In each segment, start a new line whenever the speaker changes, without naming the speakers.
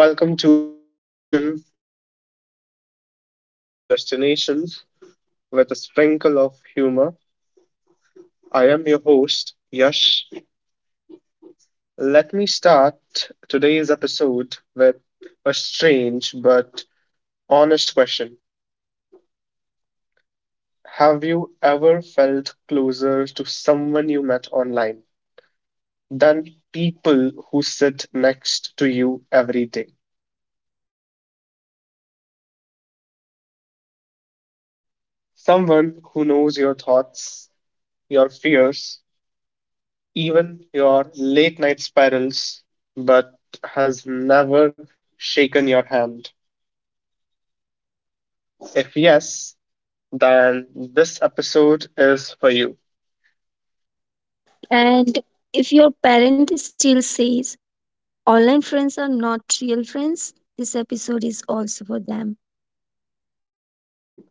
Welcome to Yes Junction, where detours are turned into destinations with a sprinkle of humor. I am your host, Yash. Let me start today's episode with a strange but honest question. Have you ever felt closer to someone you met online than people who sit next to you every day? Someone who knows your thoughts, your fears, even your late night spirals, but has never shaken your hand? If yes, then this episode is for you.
And if your parent still says online friends are not real friends, this episode is also for them.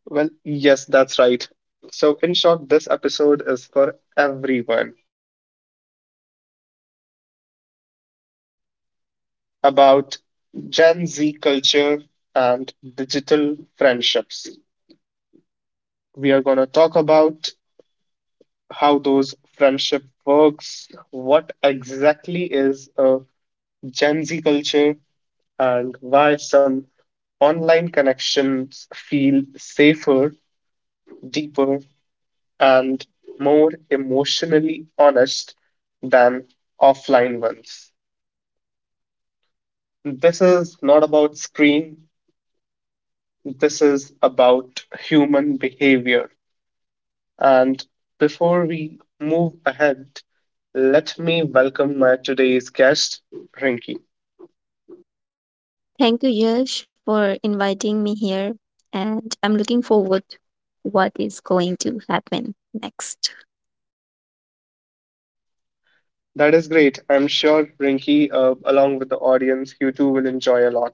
Well, yes, that's right. So, in short, this episode is for everyone. And today's episode would be about Gen Z culture and digital friendships. We are going to talk about how those friendship works, what exactly is a Gen Z culture, and why some online connections feel safer, deeper, and more emotionally honest than offline ones. This is not about screen, this is about human behavior. And before we move ahead, let me welcome my today's guest, Rinky.
Thank you, Yash, for inviting me here. And I'm looking forward to what is going to happen next.
That is great. I'm sure Rinky, along with the audience, you too will enjoy a lot.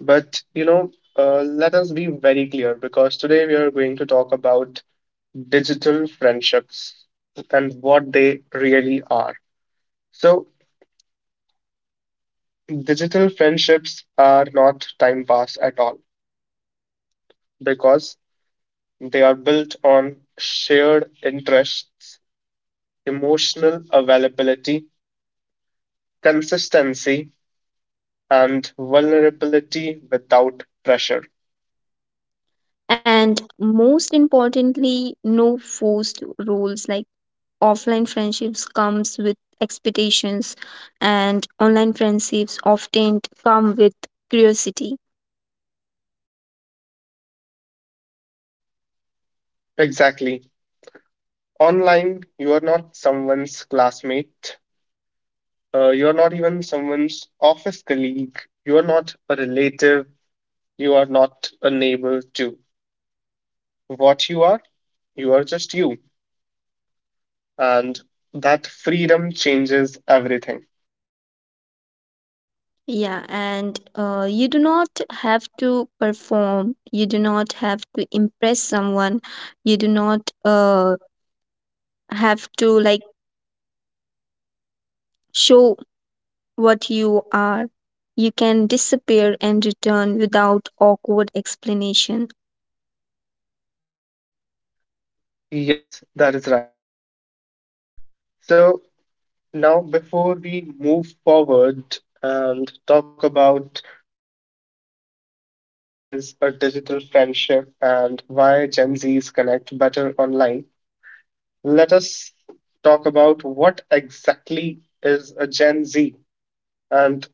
But, you know, let us be very clear because today we are going to talk about digital friendships and what they really are. So, digital friendships are not time pass at all because they are built on shared interests, emotional availability, consistency, and vulnerability without pressure.
And most importantly, no forced rules like offline friendships comes with expectations, and online friendships often come with curiosity.
Exactly. Online, you are not someone's classmate. You are not even someone's office colleague. You are not a relative. You are not a neighbor, too. What you are just you. And that freedom changes everything.
Yeah, and you do not have to perform. You do not have to impress someone. You do not have to like show what you are. You can disappear and return without awkward explanation.
Yes, that is right. So now, before we move forward and talk about uh, what exactly is a digital friendship and why Gen Zs connect better online, let us talk about what exactly is a Gen Z. And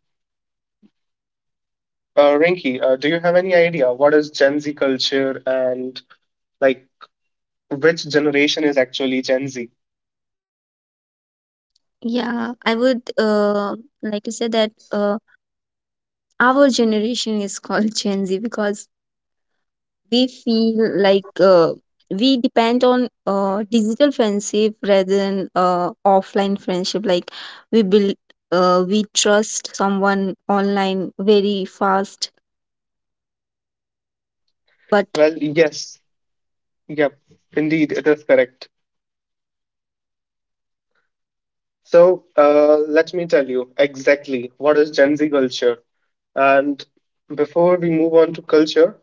Rinky, do you have any idea what is Gen Z culture and like which generation is actually Gen Z?
Yeah, I would like to say that our generation is called Gen Z because we feel like we depend on digital friendship rather than offline friendship, like we build we trust someone online very fast, but
Well, yes, yep, indeed, it is correct. So let me tell you exactly what is Gen Z culture. And before we move on to culture,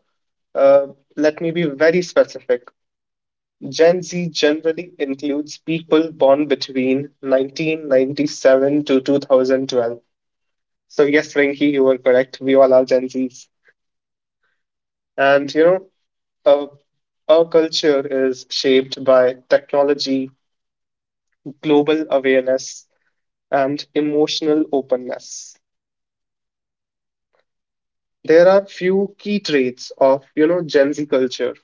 uh, let me be very specific. Gen Z generally includes people born between 1997 to 2012. So, yes, Rinki, you were correct. We all are Gen Zs. And, you know, our culture is shaped by technology, global awareness, and emotional openness. There are few key traits of, you know, Gen Z culture.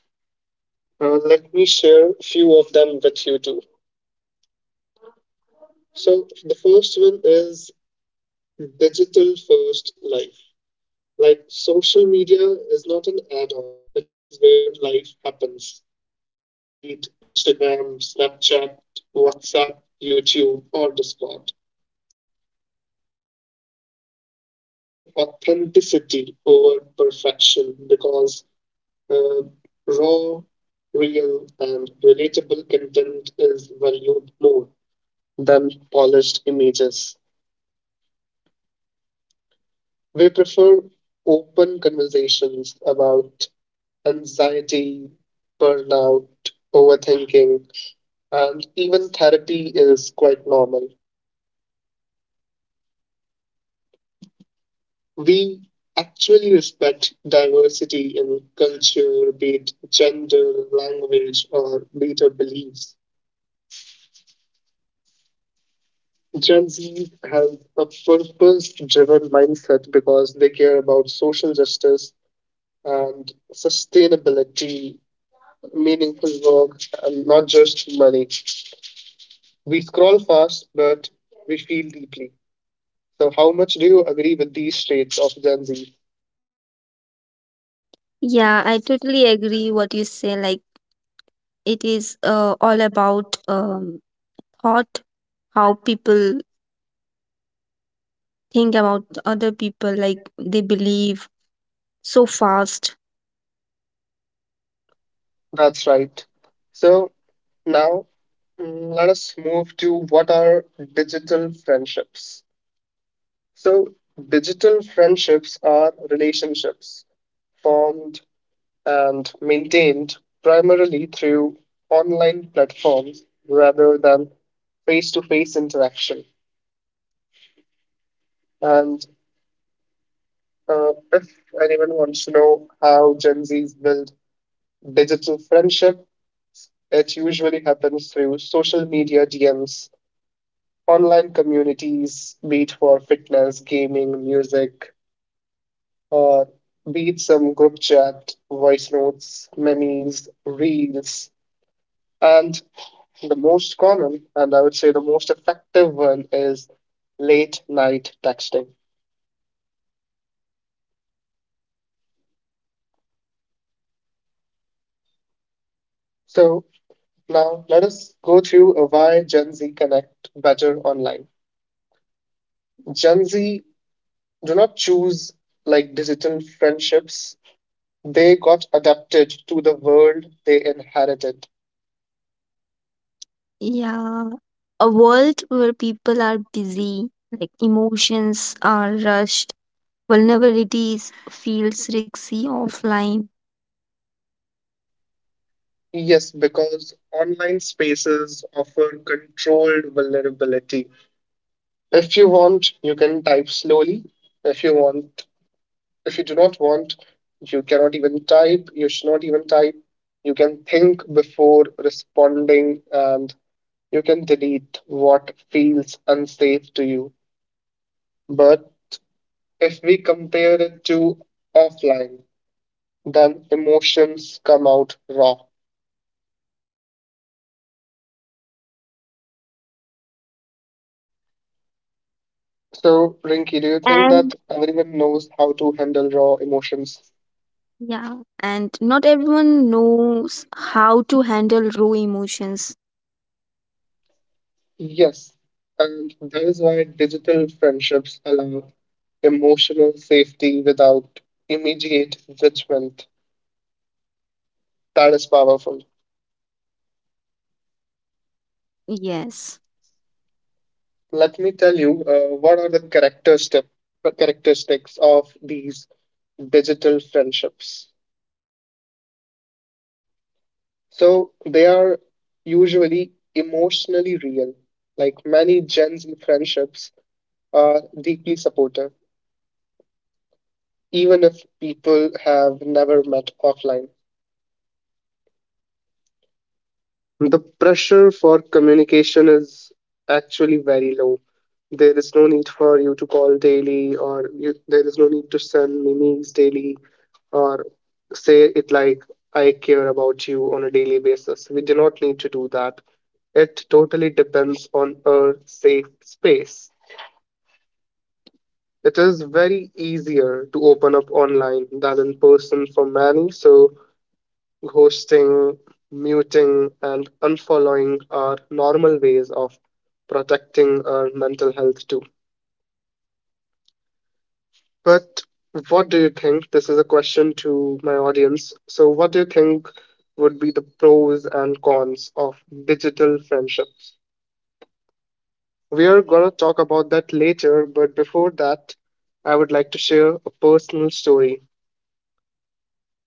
Let me share a few of them with you too. So, the first one is digital first life. Like social media is not an add-on, it is where life happens, be it Instagram, Snapchat, WhatsApp, YouTube, or Discord. Uh, Gen Zs prefer authenticity over perfection because uh, raw, real, and relatable content is valued more than polished images. We prefer open conversations about anxiety, burnout, overthinking, and even therapy is quite normal. We actually respect diversity in culture, be it gender, language, or be it our beliefs. Gen Z has a purpose driven mindset because they care about social justice and sustainability, meaningful work, and not just money. We scroll fast, but we feel deeply. So, how much do you agree with these traits of Gen Z?
yeah, I totally agree what you say. Like it is all about thought, how people think about other people, like they believe so fast.
That's right. So, now let us move to what are digital friendships. So, digital friendships are relationships formed and maintained primarily through online platforms rather than face to face interaction. And if anyone wants to know how Gen Zs build digital friendship, it usually happens through social media DMs, online communities, be it for fitness, gaming, music, or be it some group chat, voice notes, memes, reels. And the most common, and I would say the most effective one, is late night texting. So now let us go through why Gen Z connect better online. Gen Z do not choose like digital friendships. They got adapted to the world they inherited.
Yeah, a world where people are busy, like emotions are rushed, vulnerabilities feels risky offline,
Yes, because online spaces offer controlled vulnerability. If you want, you can type slowly. If you want, if you do not want, you cannot even type. You should not even type. You can think before responding and you can delete what feels unsafe to you. But if we compare it to offline, then emotions come out raw. So, Rinky, do you think
and
that everyone knows how to handle raw emotions?
yeah, and not everyone knows how to handle raw emotions.
Yes. And that is why digital friendships allow emotional safety without immediate judgment. That is powerful.
Yes,
Let me tell you what are the characteristic, characteristics of these digital friendships. So, they are usually emotionally real. Like many Gen Z friendships are deeply supportive even if people have never met offline. The pressure for communication is actually very low. There is no need for you to call daily, or you, there is no need to send memes daily, or say it like, I care about you on a daily basis. We do not need to do that. It totally depends on a safe space. It is very easier to open up online than in person for many, so ghosting, muting, and unfollowing are normal ways of protecting our mental health too. But what do you think? This is a question to my audience. So, what do you think would be the pros and cons of digital friendships? We are going to talk about that later, but before that, I would like to share a personal story.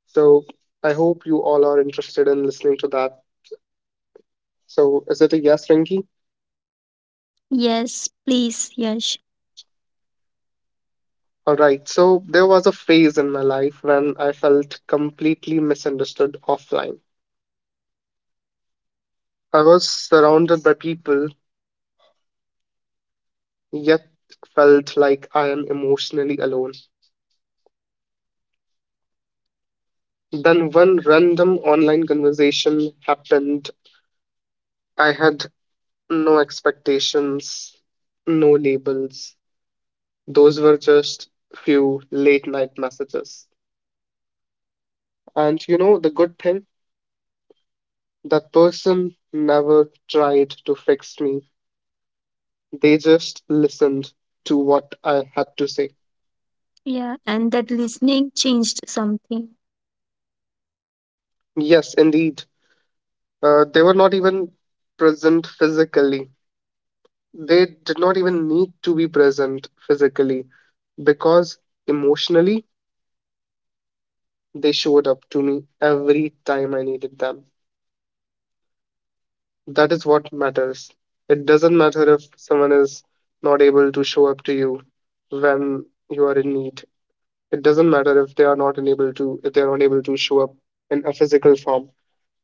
So, I hope you all are interested in listening to that. So, is it a yes, Rinky?
yes, please, yes,
All right, so there was a phase in my life when I felt completely misunderstood offline. I was surrounded by people, yet felt like I am emotionally alone. Then one random online conversation happened. I had no expectations, no labels. Those were just few late night messages. And you know the good thing? That person never tried to fix me. They just listened to what I had to say.
yeah, and that listening changed something.
Yes, indeed. They were not even present physically. They did not even need to be present physically because emotionally they showed up to me every time I needed them. That is what matters. It doesn't matter if someone is not able to show up to you when you are in need. It doesn't matter if they are not able to show up in a physical form.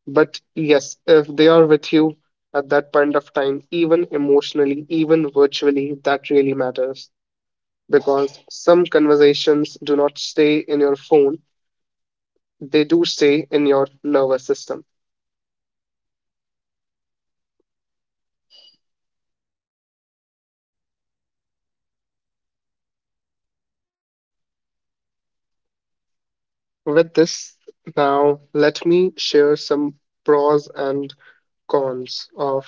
But yes, if they are with you at that point of time, even emotionally, even virtually, that really matters because some conversations do not stay in your phone, they do stay in your nervous system. With this, now let me share some pros and cons of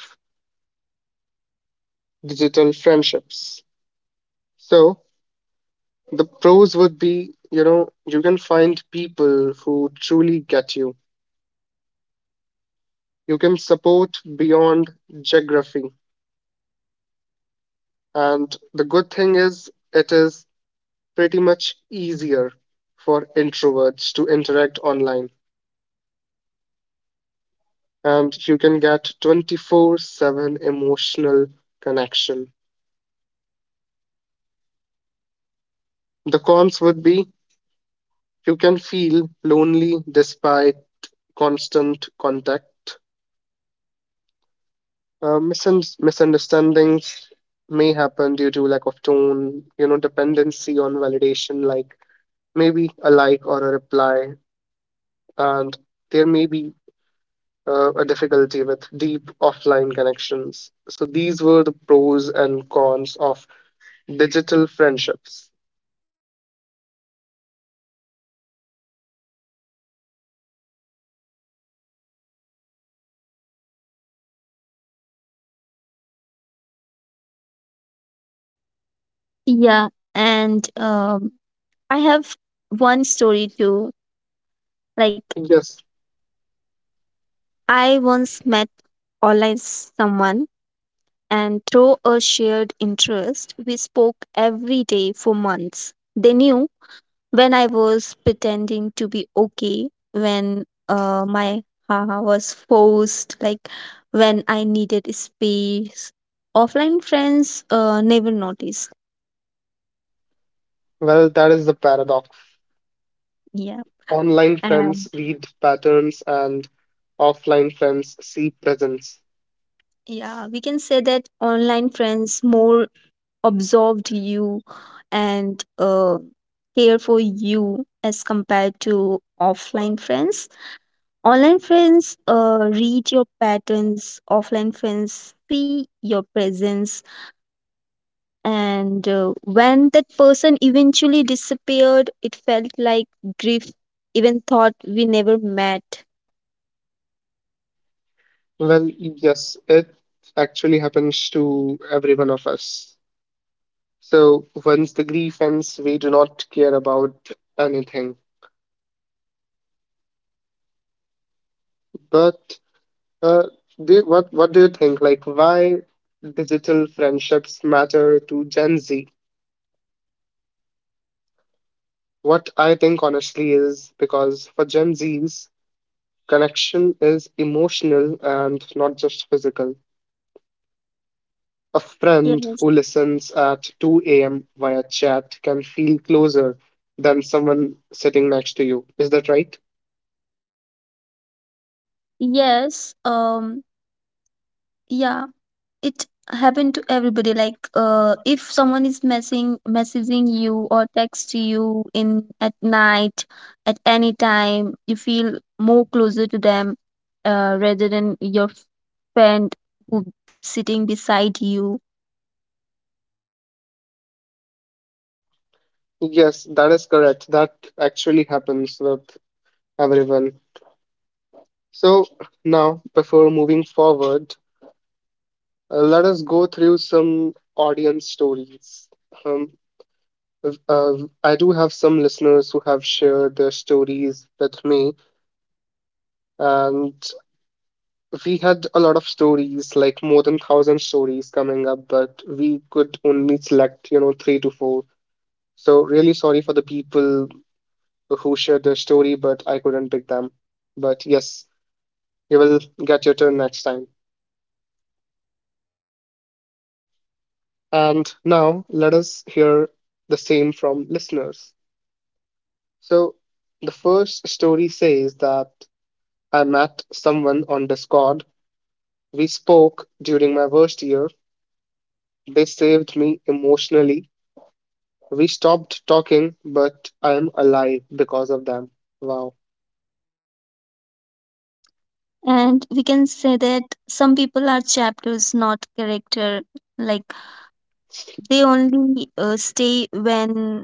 digital friendships. So, the pros would be, you know, you can find people who truly get you. You can support beyond geography. And the good thing is, it is pretty much easier for introverts to interact online, and you can get 24/7 emotional connection. The cons would be you can feel lonely despite constant contact. Misunderstandings may happen due to lack of tone, you know, dependency on validation, like maybe a like or a reply, and there may be a difficulty with deep offline connections. So these were the pros and cons of digital friendships.
Yeah, and I have one story too. Like
Yes,
I once met online someone, and through a shared interest, we spoke every day for months. They knew when I was pretending to be okay, when my haha was forced, like when I needed space. Offline friends never noticed.
well, that is the paradox.
Yeah.
Online friends
Um,
read patterns and offline friends see presence.
yeah, we can say that online friends more absorbed you and care for you as compared to offline friends. Online friends read your patterns, offline friends see your presence. And when that person eventually disappeared, it felt like grief, even thought we never met.
Well, yes, it actually happens to every one of us. So once the grief ends, we do not care about anything. But Uh, what do you think? Like, why digital friendships matter to Gen Z? What I think honestly is because for Gen Zs, connection is emotional and not just physical. A friend
Yes,
who listens at 2 a.m. via chat can feel closer than someone sitting next to you. Is that right?
yes, yeah. It happened to everybody. Like if someone is messing messaging you or text you in at night at any time, you feel more closer to them rather than your friend who sitting beside you.
Yes, that is correct. That actually happens with everyone. So now, before moving forward, let us go through some audience stories. Um, uh, I do have some listeners who have shared their stories with me, and we had a lot of stories, like more than thousand stories coming up, but we could only select, you know, 3 to 4. So really sorry for the people who shared their story, but I couldn't pick them. But yes, you will get your turn next time. And now let us hear the same from listeners. So, the first story says that I met someone on Discord. We spoke during my worst year. They saved me emotionally. We stopped talking, but I am alive because of them. Wow.
And we can say that some people are chapters, not character. Like they only stay when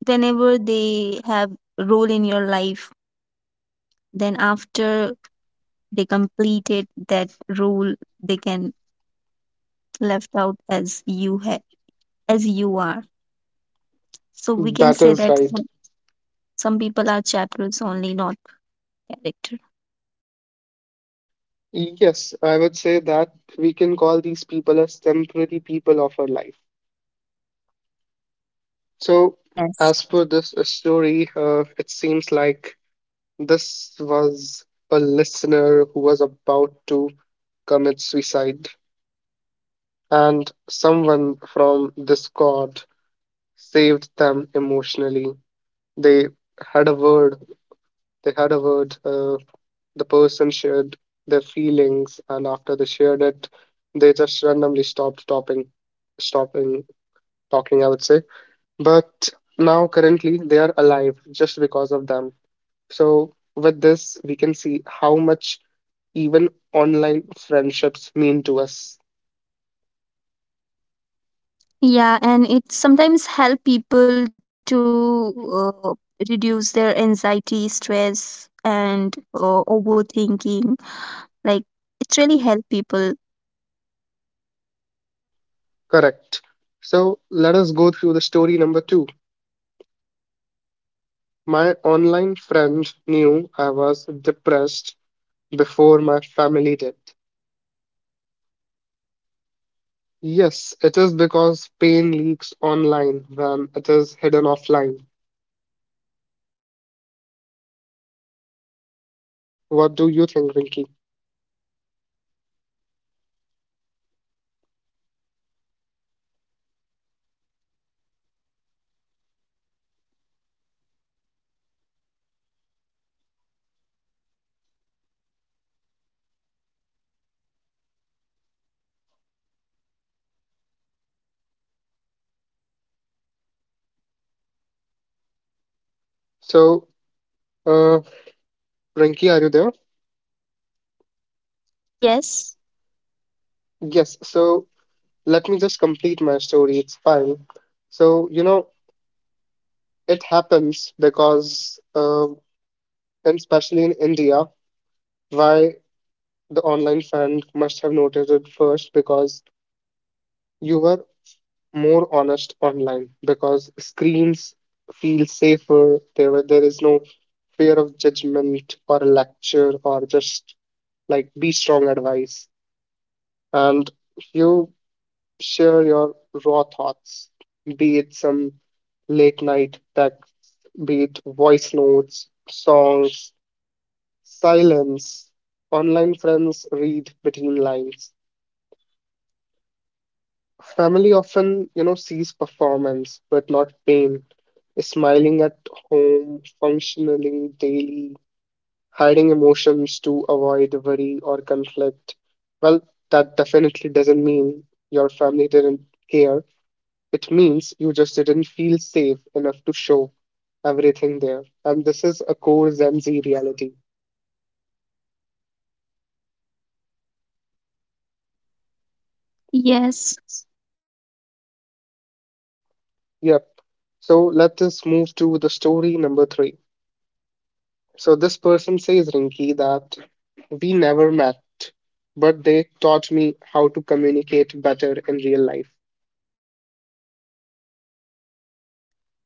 whenever they have role in your life, then after they completed that role, they can left out as as you are. So we can
That
say
is
that
right.
some people are chapters only, not character.
Yes, I would say that we can call these people as temporary people of our life. So,
Yes.
as per this story, it seems like this was a listener who was about to commit suicide, and someone from Discord saved them emotionally. They had a word, they had a word, uh, the person shared their feelings, and after they shared it, they just randomly stopped talking, stopping I would say. But now, currently, they are alive just because of them. So, with this, we can see how much even online friendships mean to us.
Yeah, and it sometimes help people to uh, reduce their anxiety, stress, and overthinking. Like it really help people.
Correct. So let us go through the story number two. My online friend knew I was depressed before my family did. Yes, it is because pain leaks online when it is hidden offline. What do you think, Rinky? So, uh, Rinky, are you there?
Yes,
Yes, so let me just complete my story. It's fine. So it happens because and especially in India, why the online fan must have noticed it first because you were more honest online because screens feel safer. There is no fear of judgment or a lecture or just like be strong advice. And you share your raw thoughts, be it some late night tech, be it voice notes, songs, silence, online friends read between lines, family often sees performance but not pain, smiling at home, functioning daily, hiding emotions to avoid worry or conflict. Well, that definitely doesn't mean your family didn't care. It means you just didn't feel safe enough to show everything there, and this is a core Gen Z reality.
yes.
Yep, so let us move to the story number three. So this person says, Rinki, that we never met, but they taught me how to communicate better in real life.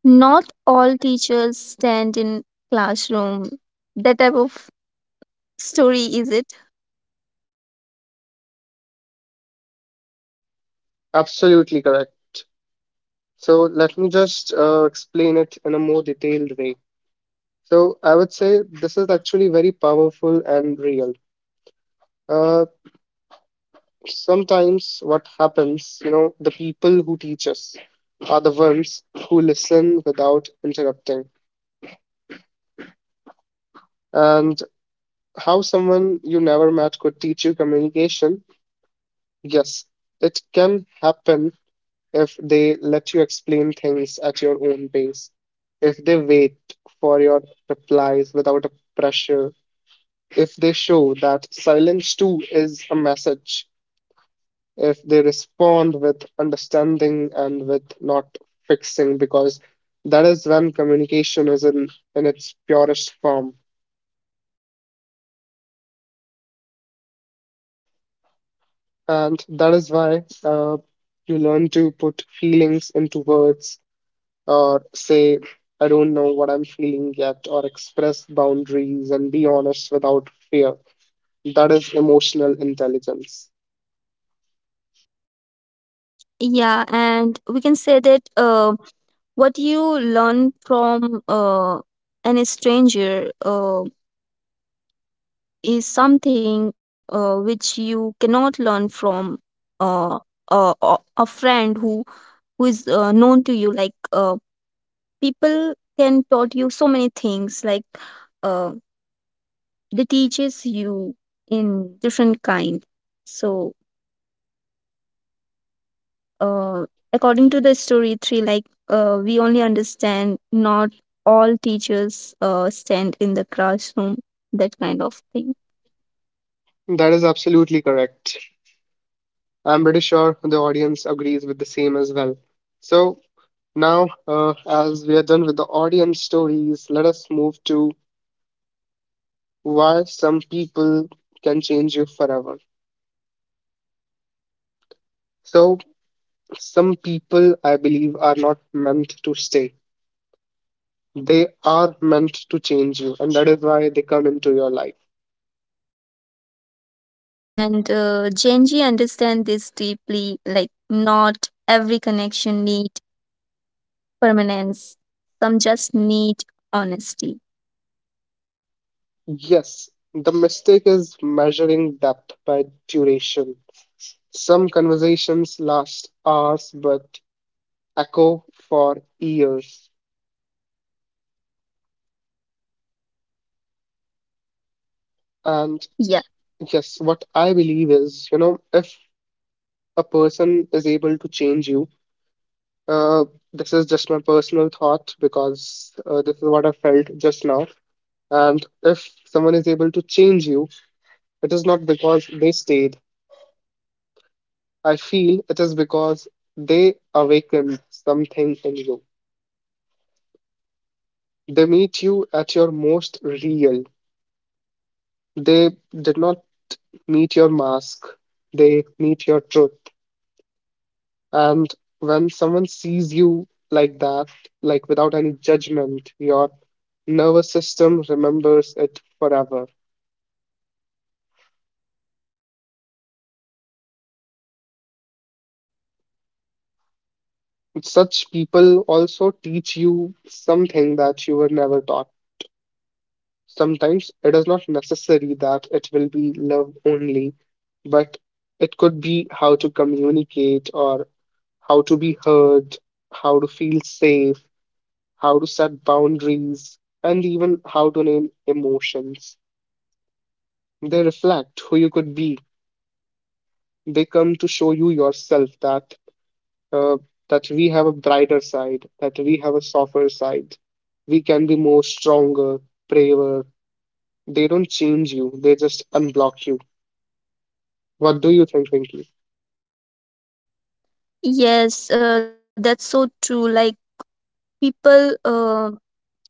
Not all teachers stand in classroom. That type of story is it?
Absolutely correct. So let me just explain it in a more detailed way. So I would say this is actually very powerful and real. Uh, Sometimes what happens, you know, the people who teach us are the ones who listen without interrupting. And how someone you never met could teach you communication? Yes, it can happen if they let you explain things at your own pace, if they wait for your replies without a pressure, if they show that silence too is a message, if they respond with understanding and with not fixing, because that is when communication is in its purest form. And that is why you learn to put feelings into words or say, I don't know what I'm feeling yet, or express boundaries and be honest without fear. That is emotional intelligence.
Yeah, and we can say that what you learn from an stranger is something which you cannot learn from uh, a friend who is known to you. Like people can taught you so many things. Like uh, they teaches you in different kind. So uh, according to the story three, like we only understand, not all teachers stand in the classroom, that kind of thing.
That is absolutely correct. I'm pretty sure the audience agrees with the same as well. So, now, as we are done with the audience stories, let us move to why some people can change you forever. So, some people I believe are not meant to stay. They are meant to change you, and that is why they come into your life.
And genji understand this deeply. Like not every connection need permanence, some just need honesty.
Yes, the mistake is measuring depth by duration. Some conversations last hours but echo for years. And
Yeah.
yes, what I believe is, you know, if a person is able to change you, uh, this is just my personal thought because this is what I felt just now. And if someone is able to change you, it is not because they stayed. I feel it is because they awaken something in you. They meet you at your most real. They did not meet your mask, they meet your truth. And when someone sees you like that, like without any judgment, your nervous system remembers it forever.
Yes, absolutely.
Such people also teach you something that you were never taught. Sometimes it is not necessary that it will be love only, but it could be how to communicate, or how to be heard, how to feel safe, how to set boundaries, and even how to name emotions. They reflect who you could be. They come to show you yourself, that uh, that we have a brighter side, that we have a softer side. We can be more stronger, braver. They don't change you, they just unblock you. What do you think, Pinky?
Yes, that's so true. Like people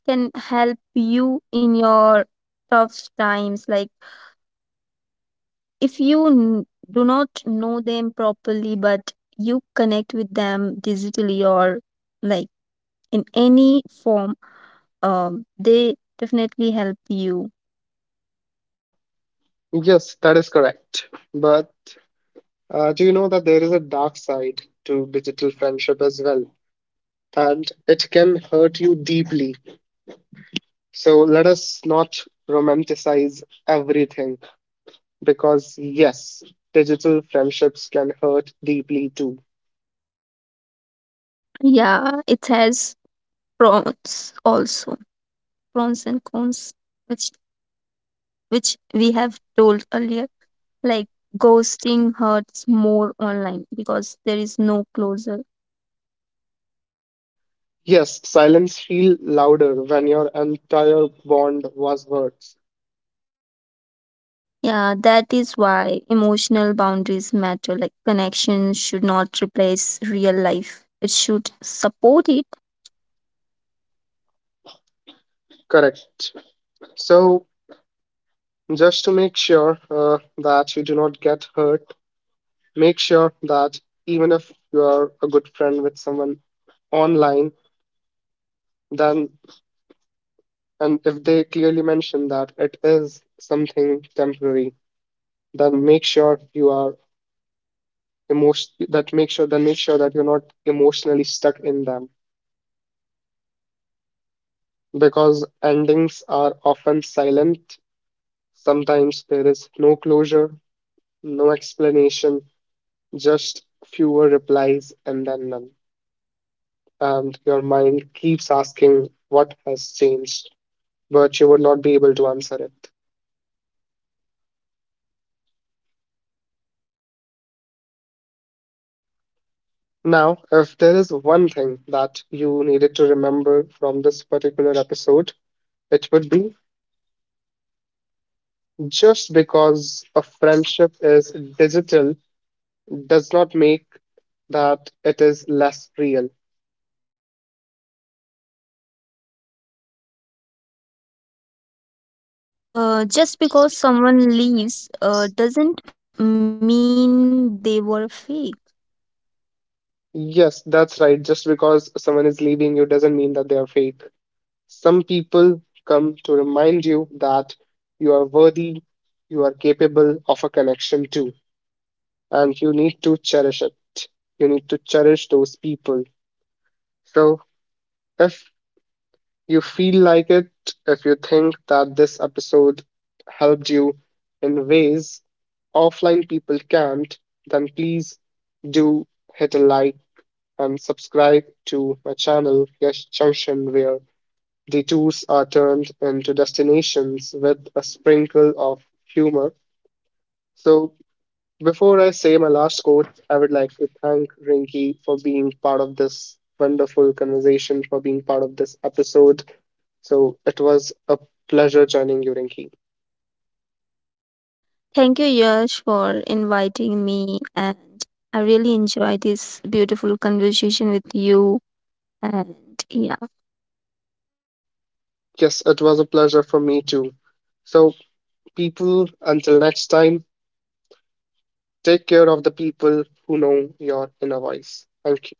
can help you in your tough times. Like if do not know them properly, but you connect with them digitally or like in any form, they definitely help you.
Yes, that is correct. But do you know that there is a dark side to digital friendship as well? And it can hurt you deeply. So let us not romanticize everything, because, yes, digital friendships can hurt deeply too.
Yeah, it has pros also, pros and cons, which which we have told earlier. Like ghosting hurts more online because there is no closure.
Yes, silence feel louder when your entire bond was words.
Yeah, that is why emotional boundaries matter. Like connection should not replace real life. It should support it.
Correct. So, just to make sure that you do not get hurt, make sure that even if you are a good friend with someone online, then and if they clearly mention that it is something temporary, then make sure you are emotion that make sure then make sure that you're not emotionally stuck in them, because endings are often silent. Sometimes there is no closure, no explanation, just fewer replies and then none, and your mind keeps asking what has changed, but you would not be able to answer it. Now, if there is one thing that you needed to remember from this particular episode, it would be, just because a friendship is digital does not make that it is less real.
And just because someone leaves doesn't mean they were fake.
Yes, that's right. Just because someone is leaving you doesn't mean that they are fake. Some people come to remind you that you are worthy, you are capable of a connection too, and you need to cherish it. You need to cherish those people. So, if you feel like it, if you think that this episode helped you in ways offline people can't, then please do hit a like and subscribe to my channel, Yash Junction, where detours are turned into destinations with a sprinkle of humor. So, before I say my last quote, I would like to thank Rinky for being part of this wonderful conversation, for being part of this episode. So it was a pleasure joining you, Rinky.
Thank you, Yash, for inviting me. And I really enjoyed this beautiful conversation with you. And yeah.
Yes, it was a pleasure for me too. So, people, until next time, take care of the people who know your inner voice. Thank you.